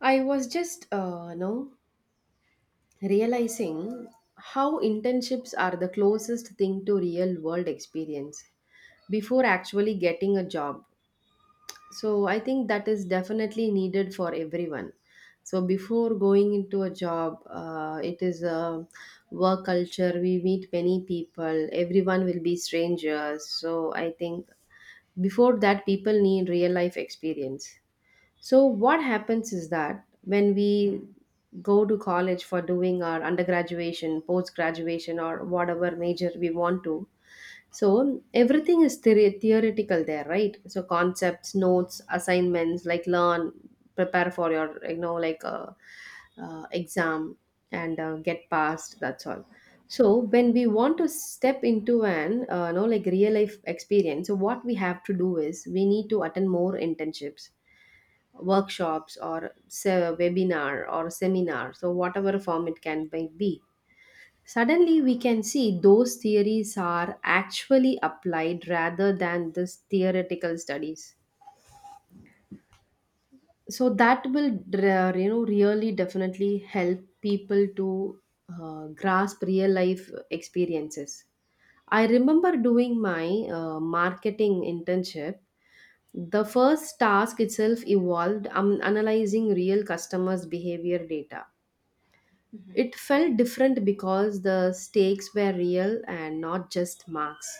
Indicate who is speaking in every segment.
Speaker 1: I was just, no, realizing how internships are the closest thing to real world experience before actually getting a job. So I think that is definitely needed for everyone. So before going into a job, it is a work culture. We meet many people. Everyone will be strangers. So I think before that, people need real life experience. So, what happens is that when we go to college for doing our undergraduation, post graduation, or whatever major we want to, so everything is theoretical there, right? So, concepts, notes, assignments, like learn, prepare for your, exam and get passed, that's all. So, when we want to step into an, real life experience, so what we have to do is we need to attend more internships, workshops, or webinar or seminar, so whatever form it can may be, suddenly we can see those theories are actually applied rather than this theoretical studies. So that will really definitely help people to grasp real life experiences. I remember doing my marketing internship. The first task itself evolved analyzing real customers behavior data. It felt different because the stakes were real and not just marks.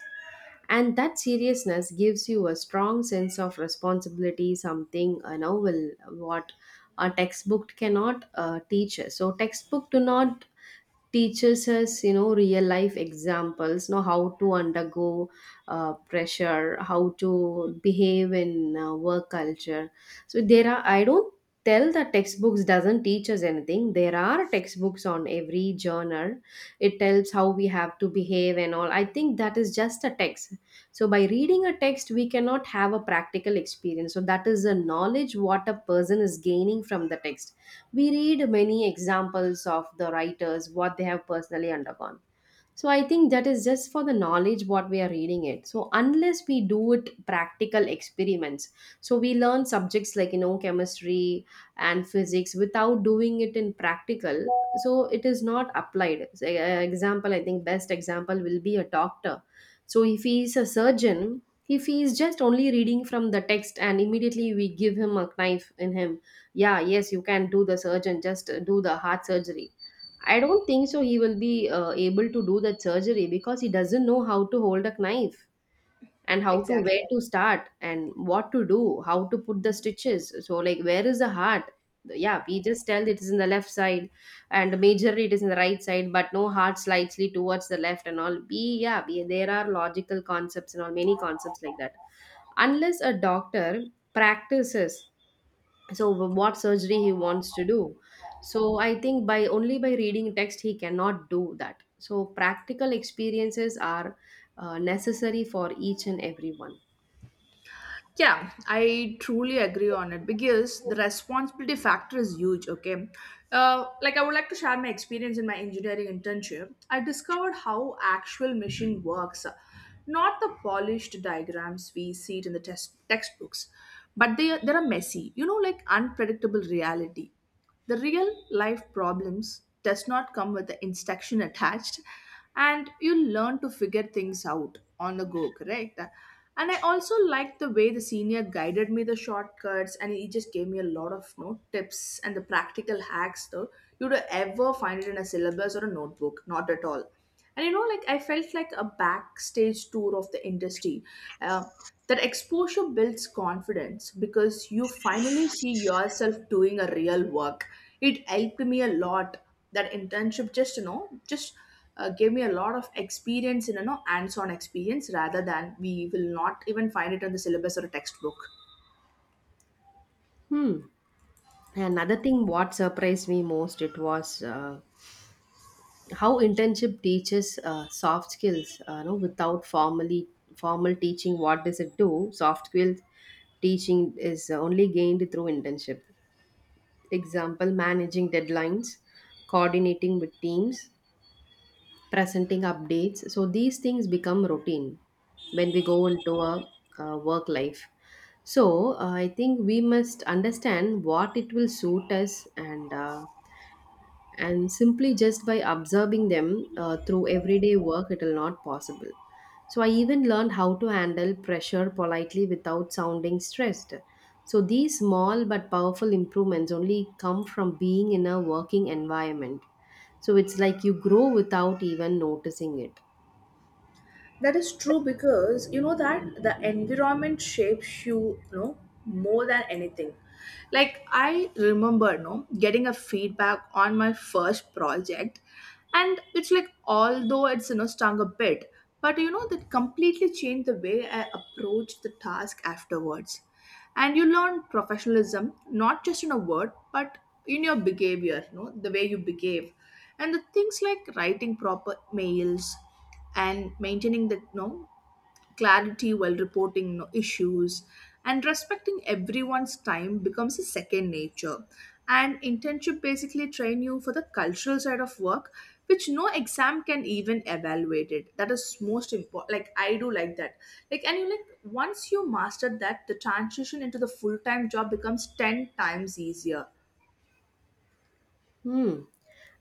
Speaker 1: And that seriousness gives you a strong sense of responsibility, something a novel, what a textbook cannot teach us. So textbook do not teaches us, you know, real life examples, you know, how to undergo pressure, how to behave in work culture. So there are, I don't tell that textbooks doesn't teach us anything. There are textbooks on every genre. It tells how we have to behave and all. I think that is just a text. So by reading a text we cannot have a practical experience. So that is a knowledge what a person is gaining from the text. We read many examples of the writers, what they have personally undergone. So I think that is just for the knowledge what we are reading it. So unless we do it practical experiments, so we learn subjects like, you know, chemistry and physics without doing it in practical. So it is not applied. So, example, I think best example will be a doctor. So if he is a surgeon, if he is just only reading from the text and immediately we give him a knife in him, yeah, yes, you can do the surgeon, just do the heart surgery. I don't think so. He will be able to do that surgery because he doesn't know how to hold a knife and how to,
Speaker 2: Exactly.
Speaker 1: where to start and what to do, how to put the
Speaker 2: Mhm.
Speaker 1: stitches. So, like, where is the heart? Yeah, we just tell it is in the left side, and majorly it is in the right side, but no, heart slightly towards the left and all. There are logical concepts and all, many concepts like that. Unless a doctor practices, so what surgery he wants to do, so I think by only by reading text he cannot do that. So practical experiences are necessary for each and everyone.
Speaker 2: Yeah, I truly agree on it because the responsibility factor is huge. Okay, like I would like to share my experience in my engineering internship. I discovered how actual machine works, not the polished diagrams we see it in the test textbooks, but they are messy. Like unpredictable reality. The real life problems does not come with the instruction attached and you learn to figure things out on the go, correct? And I also liked the way the senior guided me the shortcuts and he just gave me a lot of tips and the practical hacks though you would ever find it in a syllabus or a notebook, not at all. And like I felt like a backstage tour of the industry. uh, that exposure builds confidence because you finally see yourself doing a real work. It helped me a lot. That internship just you know just gave me a lot of experience in hands-on experience rather than we will not even find it in the syllabus or a textbook.
Speaker 1: Hmm. Another thing what surprised me most, it was how internship teaches soft skills, no, without formally formal teaching. What does it do? Soft skills teaching is only gained through internship. Example, managing deadlines, coordinating with teams, presenting updates. So these things become routine when we go into a, uh, work life. So I think we must understand what it will suit us, and simply just by observing them through everyday work, it will not possible. So I even learned how to handle pressure politely without sounding stressed. So these small but powerful improvements only come from being in a working environment. So it's like you grow without even noticing it.
Speaker 2: That is true because you know that the environment shapes you, more than anything. Like I remember, no, getting a feedback on my first project, and it's like although it's stung a bit, but you know that completely changed the way I approached the task afterwards. And you learn professionalism not just in a word, but in your behavior, the way you behave, and the things like writing proper mails and maintaining the clarity while reporting issues, and respecting everyone's time becomes a second nature. And internship basically train you for the cultural side of work, which no exam can even evaluate it. That is most important. Like I do like that. Like and you like once you master that, the transition into the full-time job becomes 10 times easier.
Speaker 1: Hmm.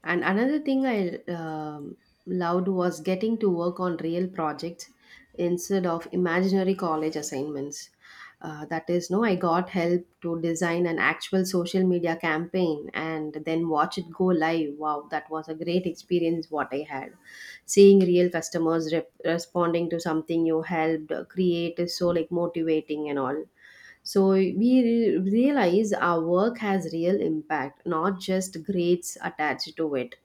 Speaker 1: And another thing I loved was getting to work on real projects instead of imaginary college assignments. That is, no, I got help to design an actual social media campaign and then watch it go live. Wow, that was a great experience what I had. Seeing real customers responding to something you helped create is so like motivating and all. So we realize our work has real impact, not just grades attached to it.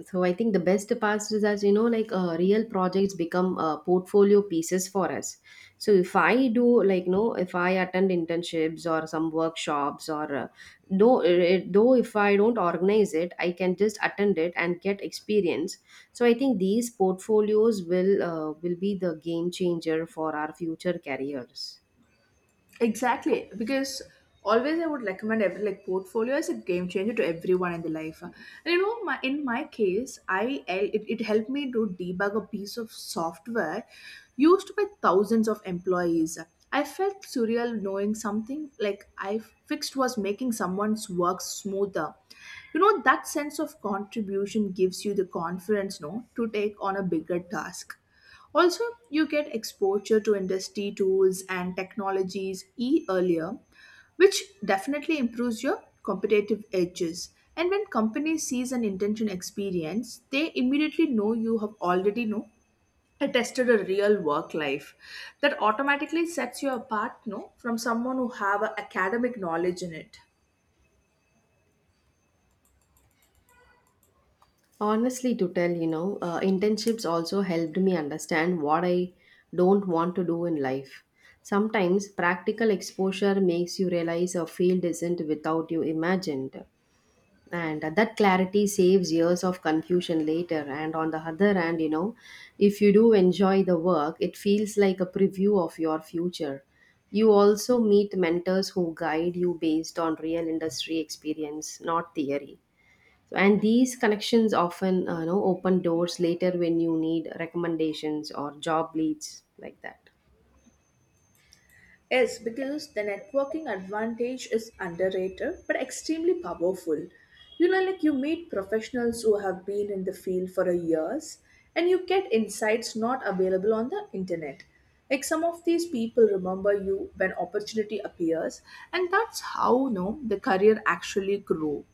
Speaker 1: So I think the best part is that, you know, real projects become portfolio pieces for us. So if I do, like, you know, if I attend internships or some workshops or though if I don't organize it, I can just attend it and get experience. So I think these portfolios will be the game changer for our future careers.
Speaker 2: Exactly, because always I would recommend every like portfolio as a game changer to everyone in the life. And my in my case, it helped me to debug a piece of software used by thousands of employees. I felt surreal knowing something like I fixed was making someone's work smoother. That sense of contribution gives you the confidence, no, to take on a bigger task. Also, you get exposure to industry tools and technologies e earlier, which definitely improves your competitive edges. And when company sees an intention experience, they immediately know you have already know attested a real work life that automatically sets you apart, no, from someone who have a academic knowledge in it.
Speaker 1: Honestly, to tell, you know, internships also helped me understand what I don't want to do in life. Sometimes practical exposure makes you realize a field isn't without you imagined. And that clarity saves years of confusion later. And on the other hand, you know, if you do enjoy the work, it feels like a preview of your future. You also meet mentors who guide you based on real industry experience, not theory. So, and these connections often, you know, open doors later when you need recommendations or job leads like that.
Speaker 2: Yes, because the networking advantage is underrated but extremely powerful. Like you meet professionals who have been in the field for a years, and you get insights not available on the internet. Like some of these people remember you when opportunity appears, and that's how you know the career actually grew.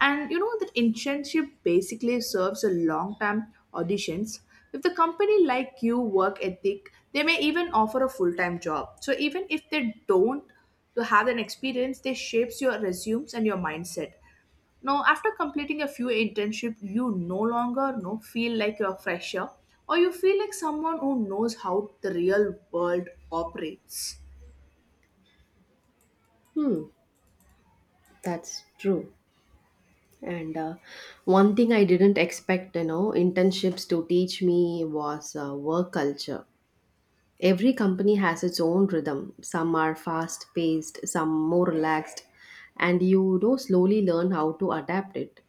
Speaker 2: And you know that internship basically serves a long term auditions. If the company like you work ethic, they may even offer a full time job. So even if they don't to have an experience, they shapes your resumes and your mindset. Now after completing a few internship, you no longer know feel like you're a fresher, or you feel like someone who knows how the real world operates.
Speaker 1: Hmm, that's true. And one thing I didn't expect, you know, internships to teach me was work culture. Every company has its own rhythm. Some are fast paced, some more relaxed, and you know slowly learn how to adapt it.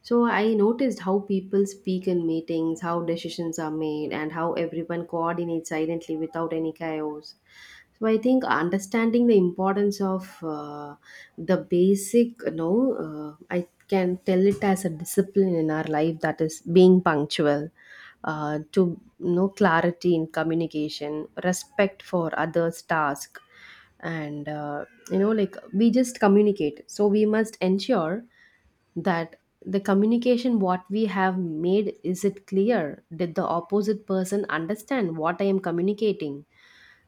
Speaker 1: So I noticed how people speak in meetings, how decisions are made, and how everyone coordinates silently without any chaos. So I think understanding the importance of, the basic, I can tell it as a discipline in our life, that is being punctual, to, you know, clarity in communication, respect for others task, and you know, like we just communicate, so we must ensure that the communication what we have made, is it clear, did the opposite person understand what I am communicating?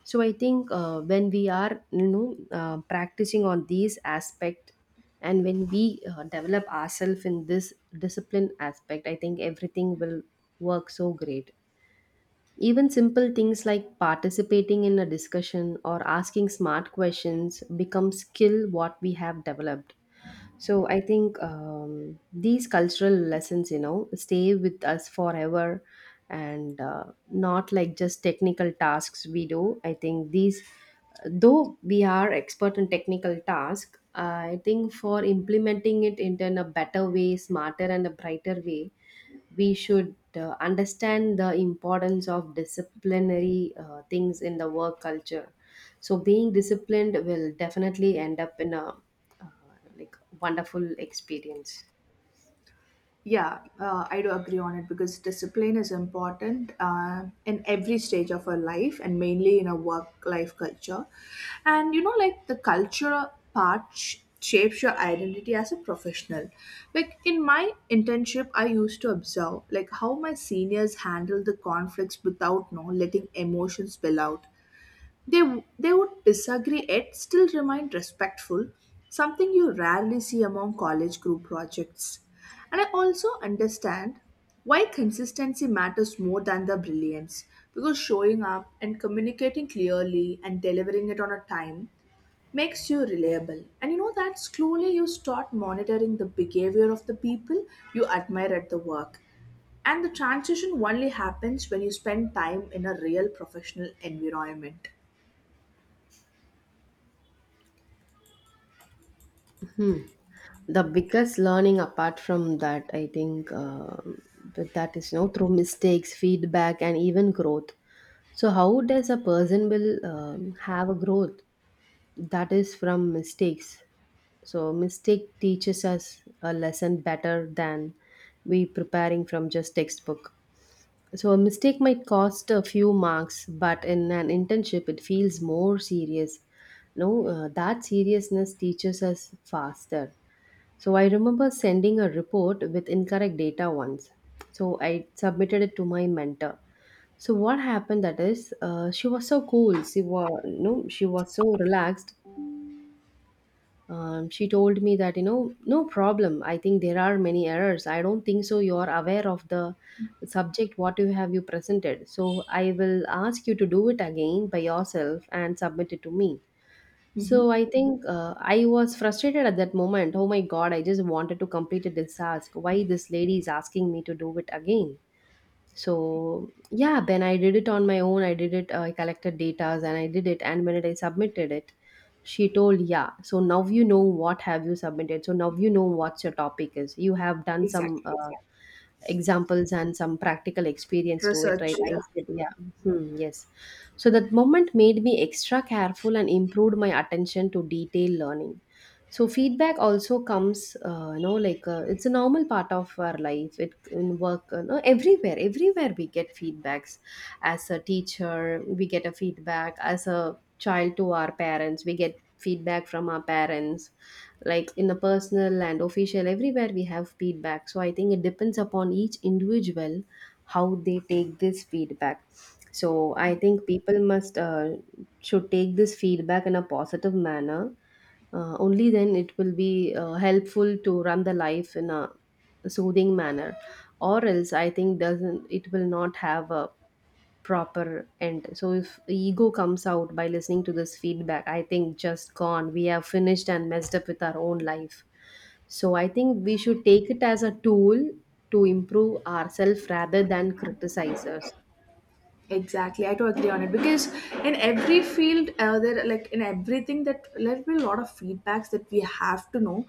Speaker 1: So I think, when we are, practicing on these aspect, and when we develop ourselves in this discipline aspect, I think everything will work so great. Even simple things like participating in a discussion or asking smart questions become skill what we have developed. So I think, these cultural lessons, you know, stay with us forever and not like just technical tasks we do. I think these, though we are expert in technical task, I think for implementing it in a better way, smarter and a brighter way, we should understand the importance of disciplinary things in the work culture. So being disciplined will definitely end up in a, uh, like wonderful experience.
Speaker 2: Yeah, I do agree on it because discipline is important in every stage of our life and mainly in a work life culture. And like the culture part shapes your identity as a professional. Like in my internship, I used to observe like how my seniors handle the conflicts without letting emotions spill out. They would disagree yet still remain respectful, something you rarely see among college group projects. And I also understand why consistency matters more than the brilliance, because showing up and communicating clearly and delivering it on a time makes you reliable. And you know that slowly you start monitoring the behavior of the people you admire at the work. And the transition only happens when you spend time in a real professional environment.
Speaker 1: Hmm. The biggest learning apart from that, I think, but that is, you know, through mistakes, feedback and even growth. So how does a person will have a growth? That is from mistakes. So mistake teaches us a lesson better than we preparing from just textbook. So a mistake might cost a few marks, but in an internship it feels more serious. No, that seriousness teaches us faster. So I remember sending a report with incorrect data once. So I submitted it to my mentor. So what happened, that is, she was so cool, she was no she was so relaxed. She told me that, you know, no problem, I think there are many errors, I don't think so you are aware of the subject what you have you presented. So I will ask you to do it again by yourself and submit it to me. So
Speaker 2: Mhm.
Speaker 1: I think, I was frustrated at that moment, oh my god, I just wanted to complete this task, why this lady is asking me to do it again. So, yeah, then I did it on my own. I did it, I collected data and I did it, and when it, I submitted it, she told, yeah, so now you know what have you submitted, so now you know what your topic is, you have done some
Speaker 2: Exactly.
Speaker 1: examples and some practical experience to it, right?
Speaker 2: Research,
Speaker 1: I
Speaker 2: yeah.
Speaker 1: said, yeah. Hmm, yes. So that moment made me extra careful and improved my attention to detail learning. So feedback also comes, it's a normal part of our life. It in work, you know, everywhere, everywhere we get feedbacks. As a teacher, we get a feedback. As a child to our parents, we get feedback from our parents, like in a personal and official, everywhere we have feedback. So I think it depends upon each individual how they take this feedback. So I think people must should take this feedback in a positive manner. Only then it will be helpful to run the life in a soothing manner. Or else I think, doesn't, it will not have a proper end. So if ego comes out by listening to this feedback, I think just gone, we have finished and messed up with our own life. So I think we should take it as a tool to improve ourselves rather than criticize us.
Speaker 2: Exactly. I totally agree on it because in every field, there like in everything, that there will be a lot of feedbacks that we have to know,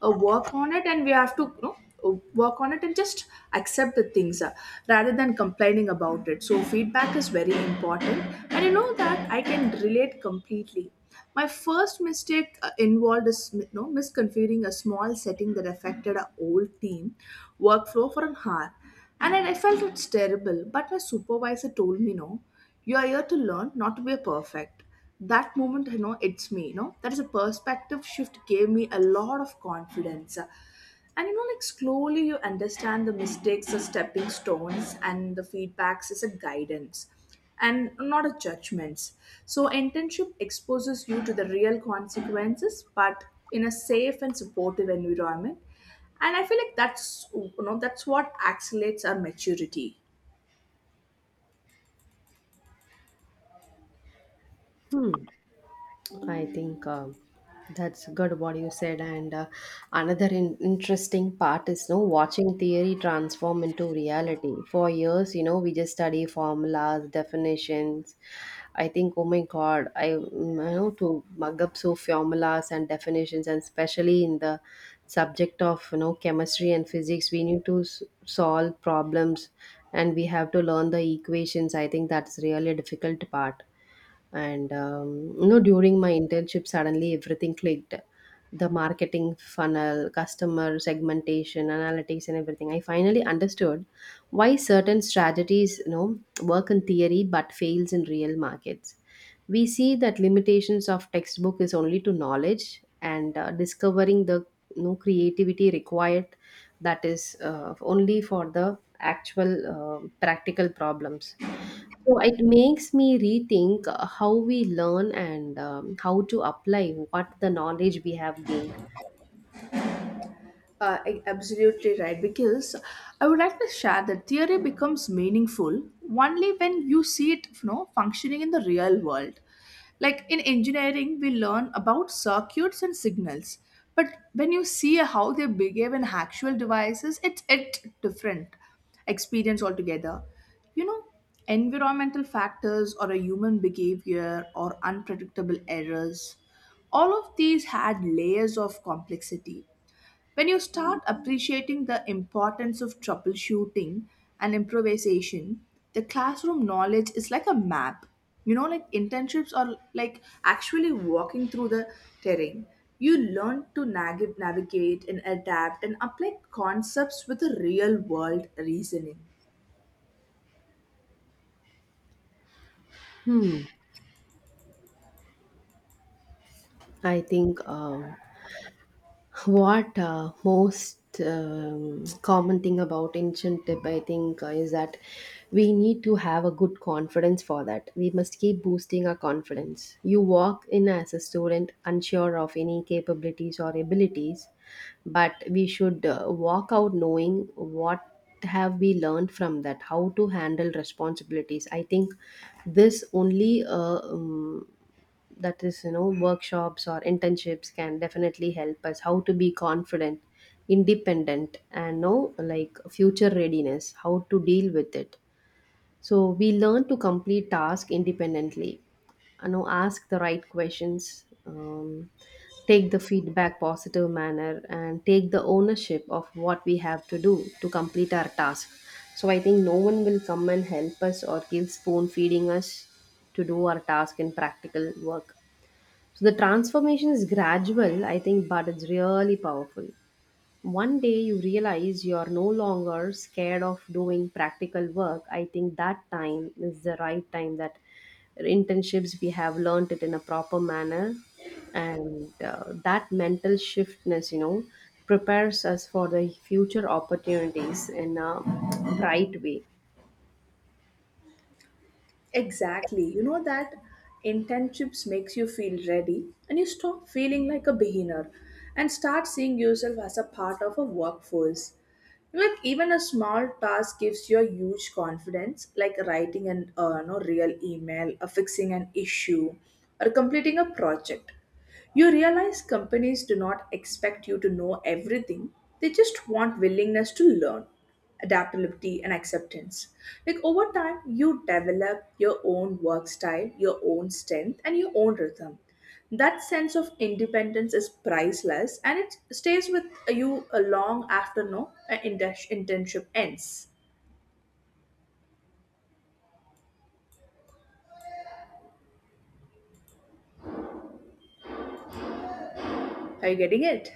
Speaker 2: work on it, and we have to work on it and just accept the things, rather than complaining about it. So feedback is very important, and you know that I can relate completely. My first mistake involved is misconfiguring a small setting that affected our old team workflow for an hour. And I felt it's terrible, but my supervisor told me, no, you are here to learn, not to be a perfect. That moment, it's me. That is a perspective shift gave me a lot of confidence. And like slowly you understand the mistakes as stepping stones, and the feedbacks is a guidance and not a judgments. So internship exposes you to the real consequences, but in a safe and supportive environment, and I feel like that's what accelerates our maturity.
Speaker 1: Hmm. I think that's good what you said. And another interesting part is no, watching theory transform into reality. For years, you know, we just study formulas, definitions. I think, oh my God, I you know, to mug up so formulas and definitions, and especially in the subject of, you know, chemistry and physics, we need to solve problems, and we have to learn the equations. I think that's really a difficult part, and you know, during my internship suddenly everything clicked: the marketing funnel, customer segmentation, analytics, and everything. I finally understood why certain strategies, you know, work in theory but fails in real markets. We see that limitations of textbook is only to knowledge, and discovering the, you know, creativity required, that is only for the actual practical problems. So it makes me rethink how we learn, and how to apply what the knowledge we have gained.
Speaker 2: Absolutely right, because I would like to share that theory becomes meaningful only when you see it, functioning in the real world. Like in engineering, we learn about circuits and signals, but when you see how they behave in actual devices, it's it different experience altogether. You know, Environmental factors or a human behavior or unpredictable errors, all of these had layers of complexity. When you start appreciating the importance of troubleshooting and improvisation, the classroom knowledge is like a map. Like internships are like actually walking through the terrain. You learn to navigate and adapt and apply concepts with a real world reasoning.
Speaker 1: Hmm. I think what most common thing about ancient tip, I think is that we need to have a good confidence. For that we must keep boosting our confidence. You walk in as a student unsure of any capabilities or abilities, but we should walk out knowing what have we learned from that, how to handle responsibilities. I think this only that is, you know, workshops or internships can definitely help us how to be confident, independent, and know, like, future readiness, how to deal with it. So we learn to complete tasks independently, you know, ask the right questions, take the feedback positive manner, and take the ownership of what we have to do to complete our task. So I think no one will come and help us or give spoon feeding us to do our task in practical work. So the transformation is gradual, I think, but it's really powerful. One day you realize you are no longer scared of doing practical work. I think that time is the right time that internships we have learned it in a proper manner, and that mental shiftness, you know, prepares us for the future opportunities in a bright way.
Speaker 2: Exactly. You know that internships makes you feel ready, and you stop feeling like a beginner and start seeing yourself as a part of a workforce. Like even a small task gives you a huge confidence, like writing an no real email, or fixing an issue, or completing a project. You realize companies do not expect you to know everything; they just want willingness to learn, adaptability and acceptance. Like over time you develop your own work style, your own strength, and your own rhythm. That sense of independence is priceless, and it stays with you a long after no inter- internship ends. Are you getting it?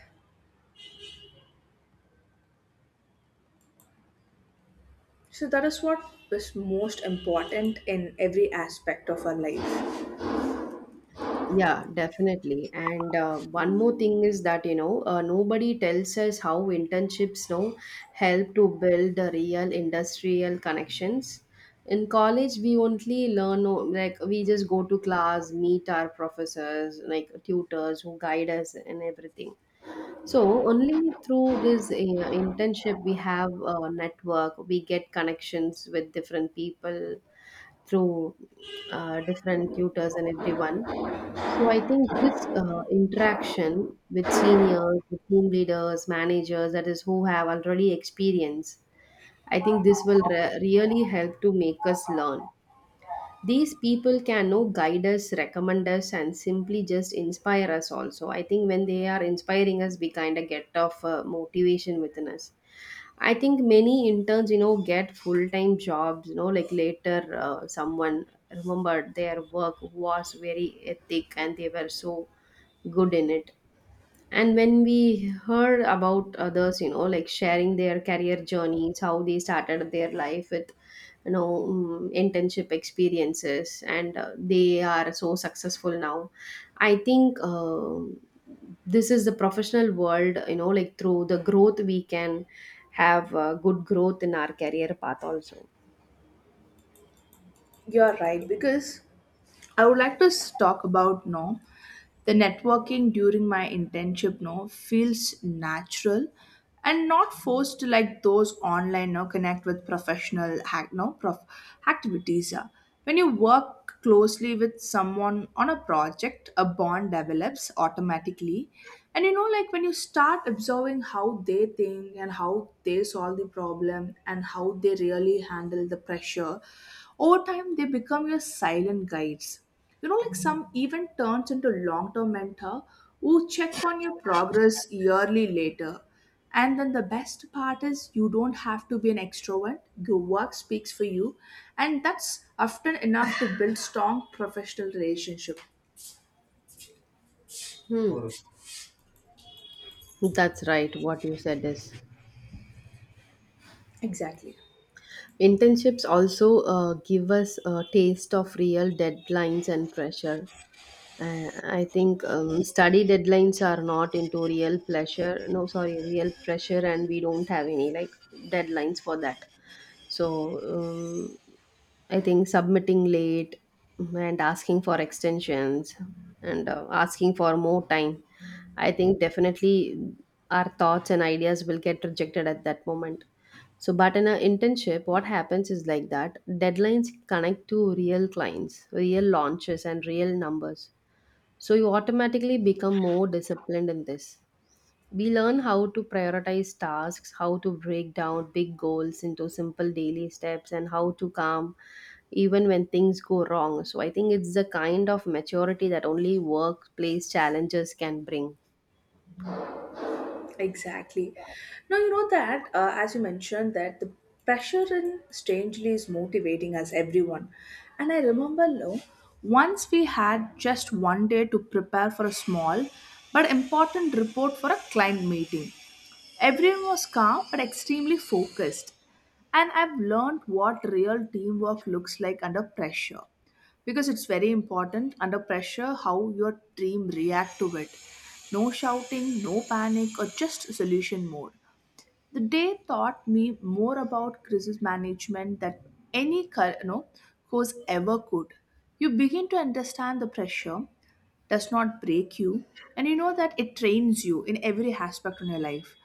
Speaker 2: So that is what is most important in every aspect of our life.
Speaker 1: Yeah, definitely. And one more thing is that, you know, nobody tells us how internships, you know, help to build the real industrial connections. In college, we only learn, like, we just go to class, meet our professors, like tutors who guide us and everything. So only through this internship, we have a network, we get connections with different people through different tutors and everyone. So I think this interaction with seniors, with team leaders, managers, that is who have already experience, I think this will really help to make us learn. These people can, know, guide us, recommend us, and simply just inspire us also. I think when they are inspiring us, we kind of get of motivation within us. I think many interns, you know, get full time jobs, you know, like later someone remembered their work was very ethic and they were so good in it. And when we heard about others, you know, like sharing their career journeys, how they started their life with, you know, internship experiences, and they are so successful now. I think this is the professional world, you know, like through the growth, we can have good growth in our career path also.
Speaker 2: You're right because I would like to talk about no. The networking during my internship no feels natural and not forced like those online no connect with professional hack no prof activities. When you work closely with someone on a project, a bond develops automatically. And like when you start observing how they think and how they solve the problem and how they really handle the pressure, over time they become your silent guides. Like some even turns into long term mentor who check on your progress yearly later. And then the best part is you don't have to be an extrovert. Your work speaks for you. And that's often enough to build strong professional relationship.
Speaker 1: Hmm. That's right. What you said is,
Speaker 2: Exactly.
Speaker 1: internships also give us a taste of real deadlines and pressure. I think study deadlines are not into real pleasure. No, sorry, real pressure, and we don't have any, like, deadlines for that. So I think submitting late and asking for extensions, and asking for more time. I think definitely our thoughts and ideas will get rejected at that moment. So, but in an internship, what happens is like that deadlines connect to real clients, real launches, and real numbers, so you automatically become more disciplined in this. We learn how to prioritize tasks, how to break down big goals into simple daily steps, and how to calm even when things go wrong. So I think it's the kind of maturity that only workplace challenges can bring.
Speaker 2: Exactly. Now, you know that, as you mentioned, that the pressure in strangely is motivating us, everyone. And I remember, no, once we had just one day to prepare for a small but important report for a client meeting. Everyone was calm but extremely focused. And I've learned what real teamwork looks like under pressure, because it's very important under pressure how your team react to it. No shouting, no panic, or just solution mode. The day taught me more about crisis management than any cur- no, course ever could. You begin to understand the pressure does not break you, and you know that it trains you in every aspect of your life.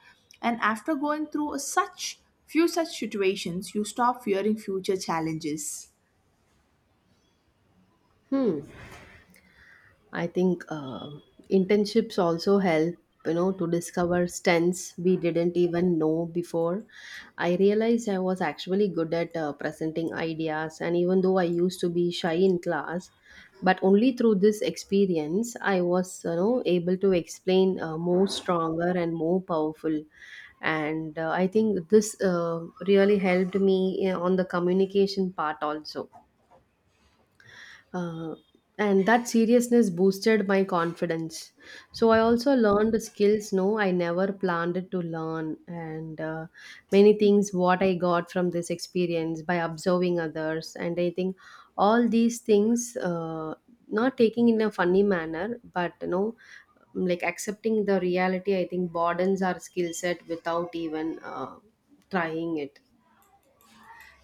Speaker 2: And after going through a such few such situations, you stop fearing future challenges.
Speaker 1: Hmm. I think internships also help, you know, to discover strengths we didn't even know before. I realized I was actually good at presenting ideas, and even though I used to be shy in class, but only through this experience, I was, you know, able to explain more stronger and more powerful. And I think this really helped me on the communication part also. Uh, and that seriousness boosted my confidence. So I also learned skills no I never planned to learn, and many things what I got from this experience by observing others. And I think all these things, not taking in a funny manner, but you know, like accepting the reality. I think broadens our skill set without even trying it.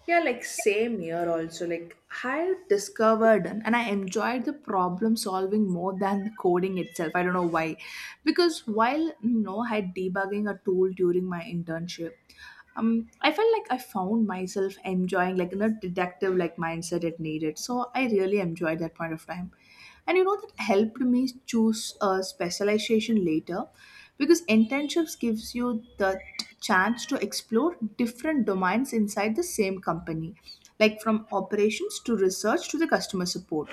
Speaker 2: Yeah, like same here also. Like I discovered, and I enjoyed the problem solving more than coding itself. I don't know why. Because while I had debugging a tool during my internship, I felt like I found myself enjoying like in a detective like mindset it needed. So I really enjoyed that point of time. And you know that helped me choose a specialization later, because internships gives you the chance to explore different domains inside the same company, like from operations to research to the customer support.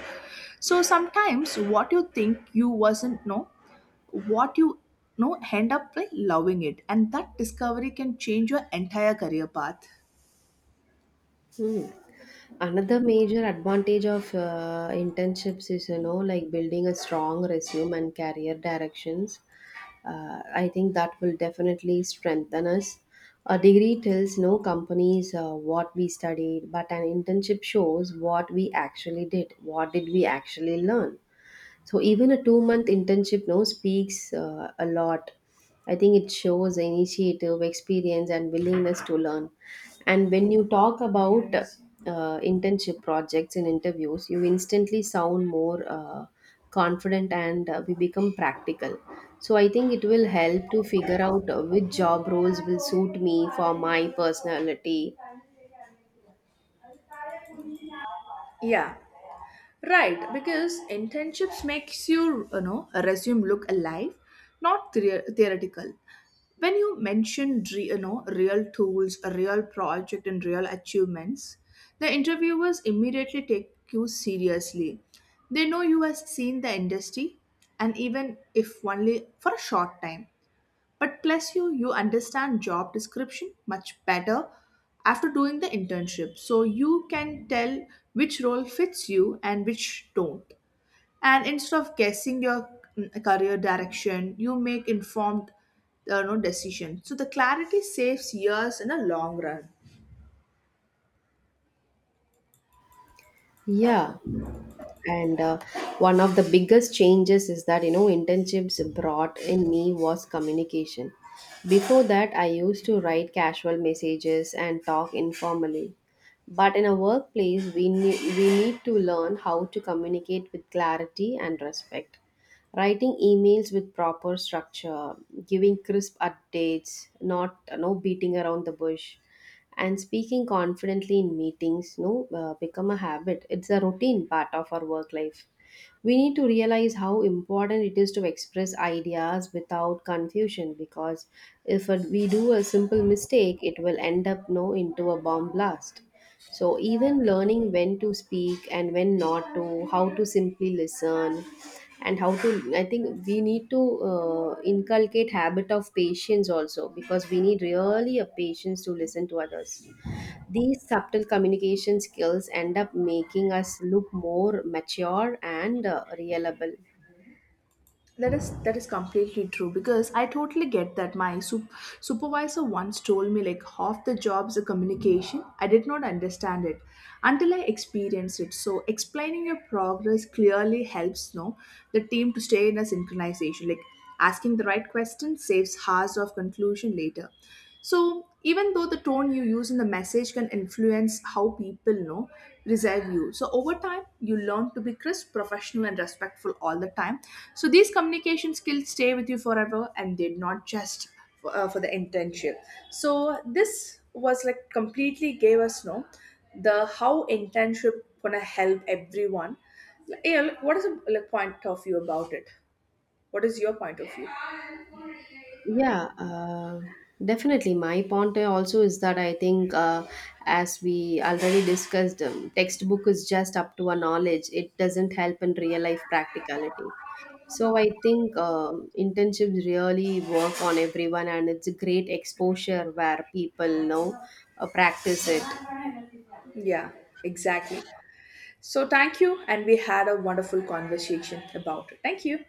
Speaker 2: So sometimes what you think you wasn't know what you know end up like loving it, and that discovery can change your entire career path.
Speaker 1: Hmm. Another major advantage of internships is, you know, like building a strong resume and career directions. I think that will definitely strengthen us. A degree tells no companies what we studied, but an internship shows what we actually did. What did we actually learn? So even a 2 month internship no speaks a lot. I think it shows initiative, experience, and willingness to learn. And when you talk about internship projects and interviews, you instantly sound more confident, and we become practical. So I think it will help to figure out which job roles will suit me for my personality.
Speaker 2: Yeah, right, because internships makes your you know a resume look alive, not theoretical. When you mention real tools, a real project, and real achievements, the interviewers immediately take you seriously. They know you have seen the industry, and even if only for a short time. But plus you understand job description much better after doing the internship. So you can tell which role fits you and which don't. And instead of guessing your career direction, you make informed no decision. So the clarity saves years in the long run.
Speaker 1: Yeah. And one of the biggest changes is that, you know, internships brought in me was communication. Before that I used to write casual messages and talk informally, but in a workplace, we need to learn how to communicate with clarity and respect. Writing emails with proper structure, giving crisp updates, not no beating around the bush, and speaking confidently in meetings, no become a habit. It's a routine part of our work life. We need to realize how important it is to express ideas without confusion, because if we do a simple mistake, it will end up no into a bomb blast. So even learning when to speak and when not to, how to simply listen, and how to, I think we need to inculcate habit of patience also, because we need really a patience to listen to others. These subtle communication skills end up making us look more mature and reliable.
Speaker 2: That is completely true because I totally get that my supervisor once told me like half the jobs are communication. I did not understand it until I experienced it. So explaining your progress clearly helps know the team to stay in a synchronization. Like asking the right question saves hours of conclusion later. So, even though the tone you use in the message can influence how people reserve you. So, over time, you learn to be crisp, professional, and respectful all the time. So, these communication skills stay with you forever, and they're not just for the internship. So, this was like completely gave us no the how internship gonna help everyone. Yeah, like, what is the, like, point of view about it? What is your point of view?
Speaker 1: Yeah, definitely. My point also is that I think, as we already discussed, textbook is just up to a knowledge. It doesn't help in real life practicality. So I think internships really work on everyone, and it's a great exposure where people, you know, practice it.
Speaker 2: Yeah, exactly. So thank you. And we had a wonderful conversation about it. Thank you.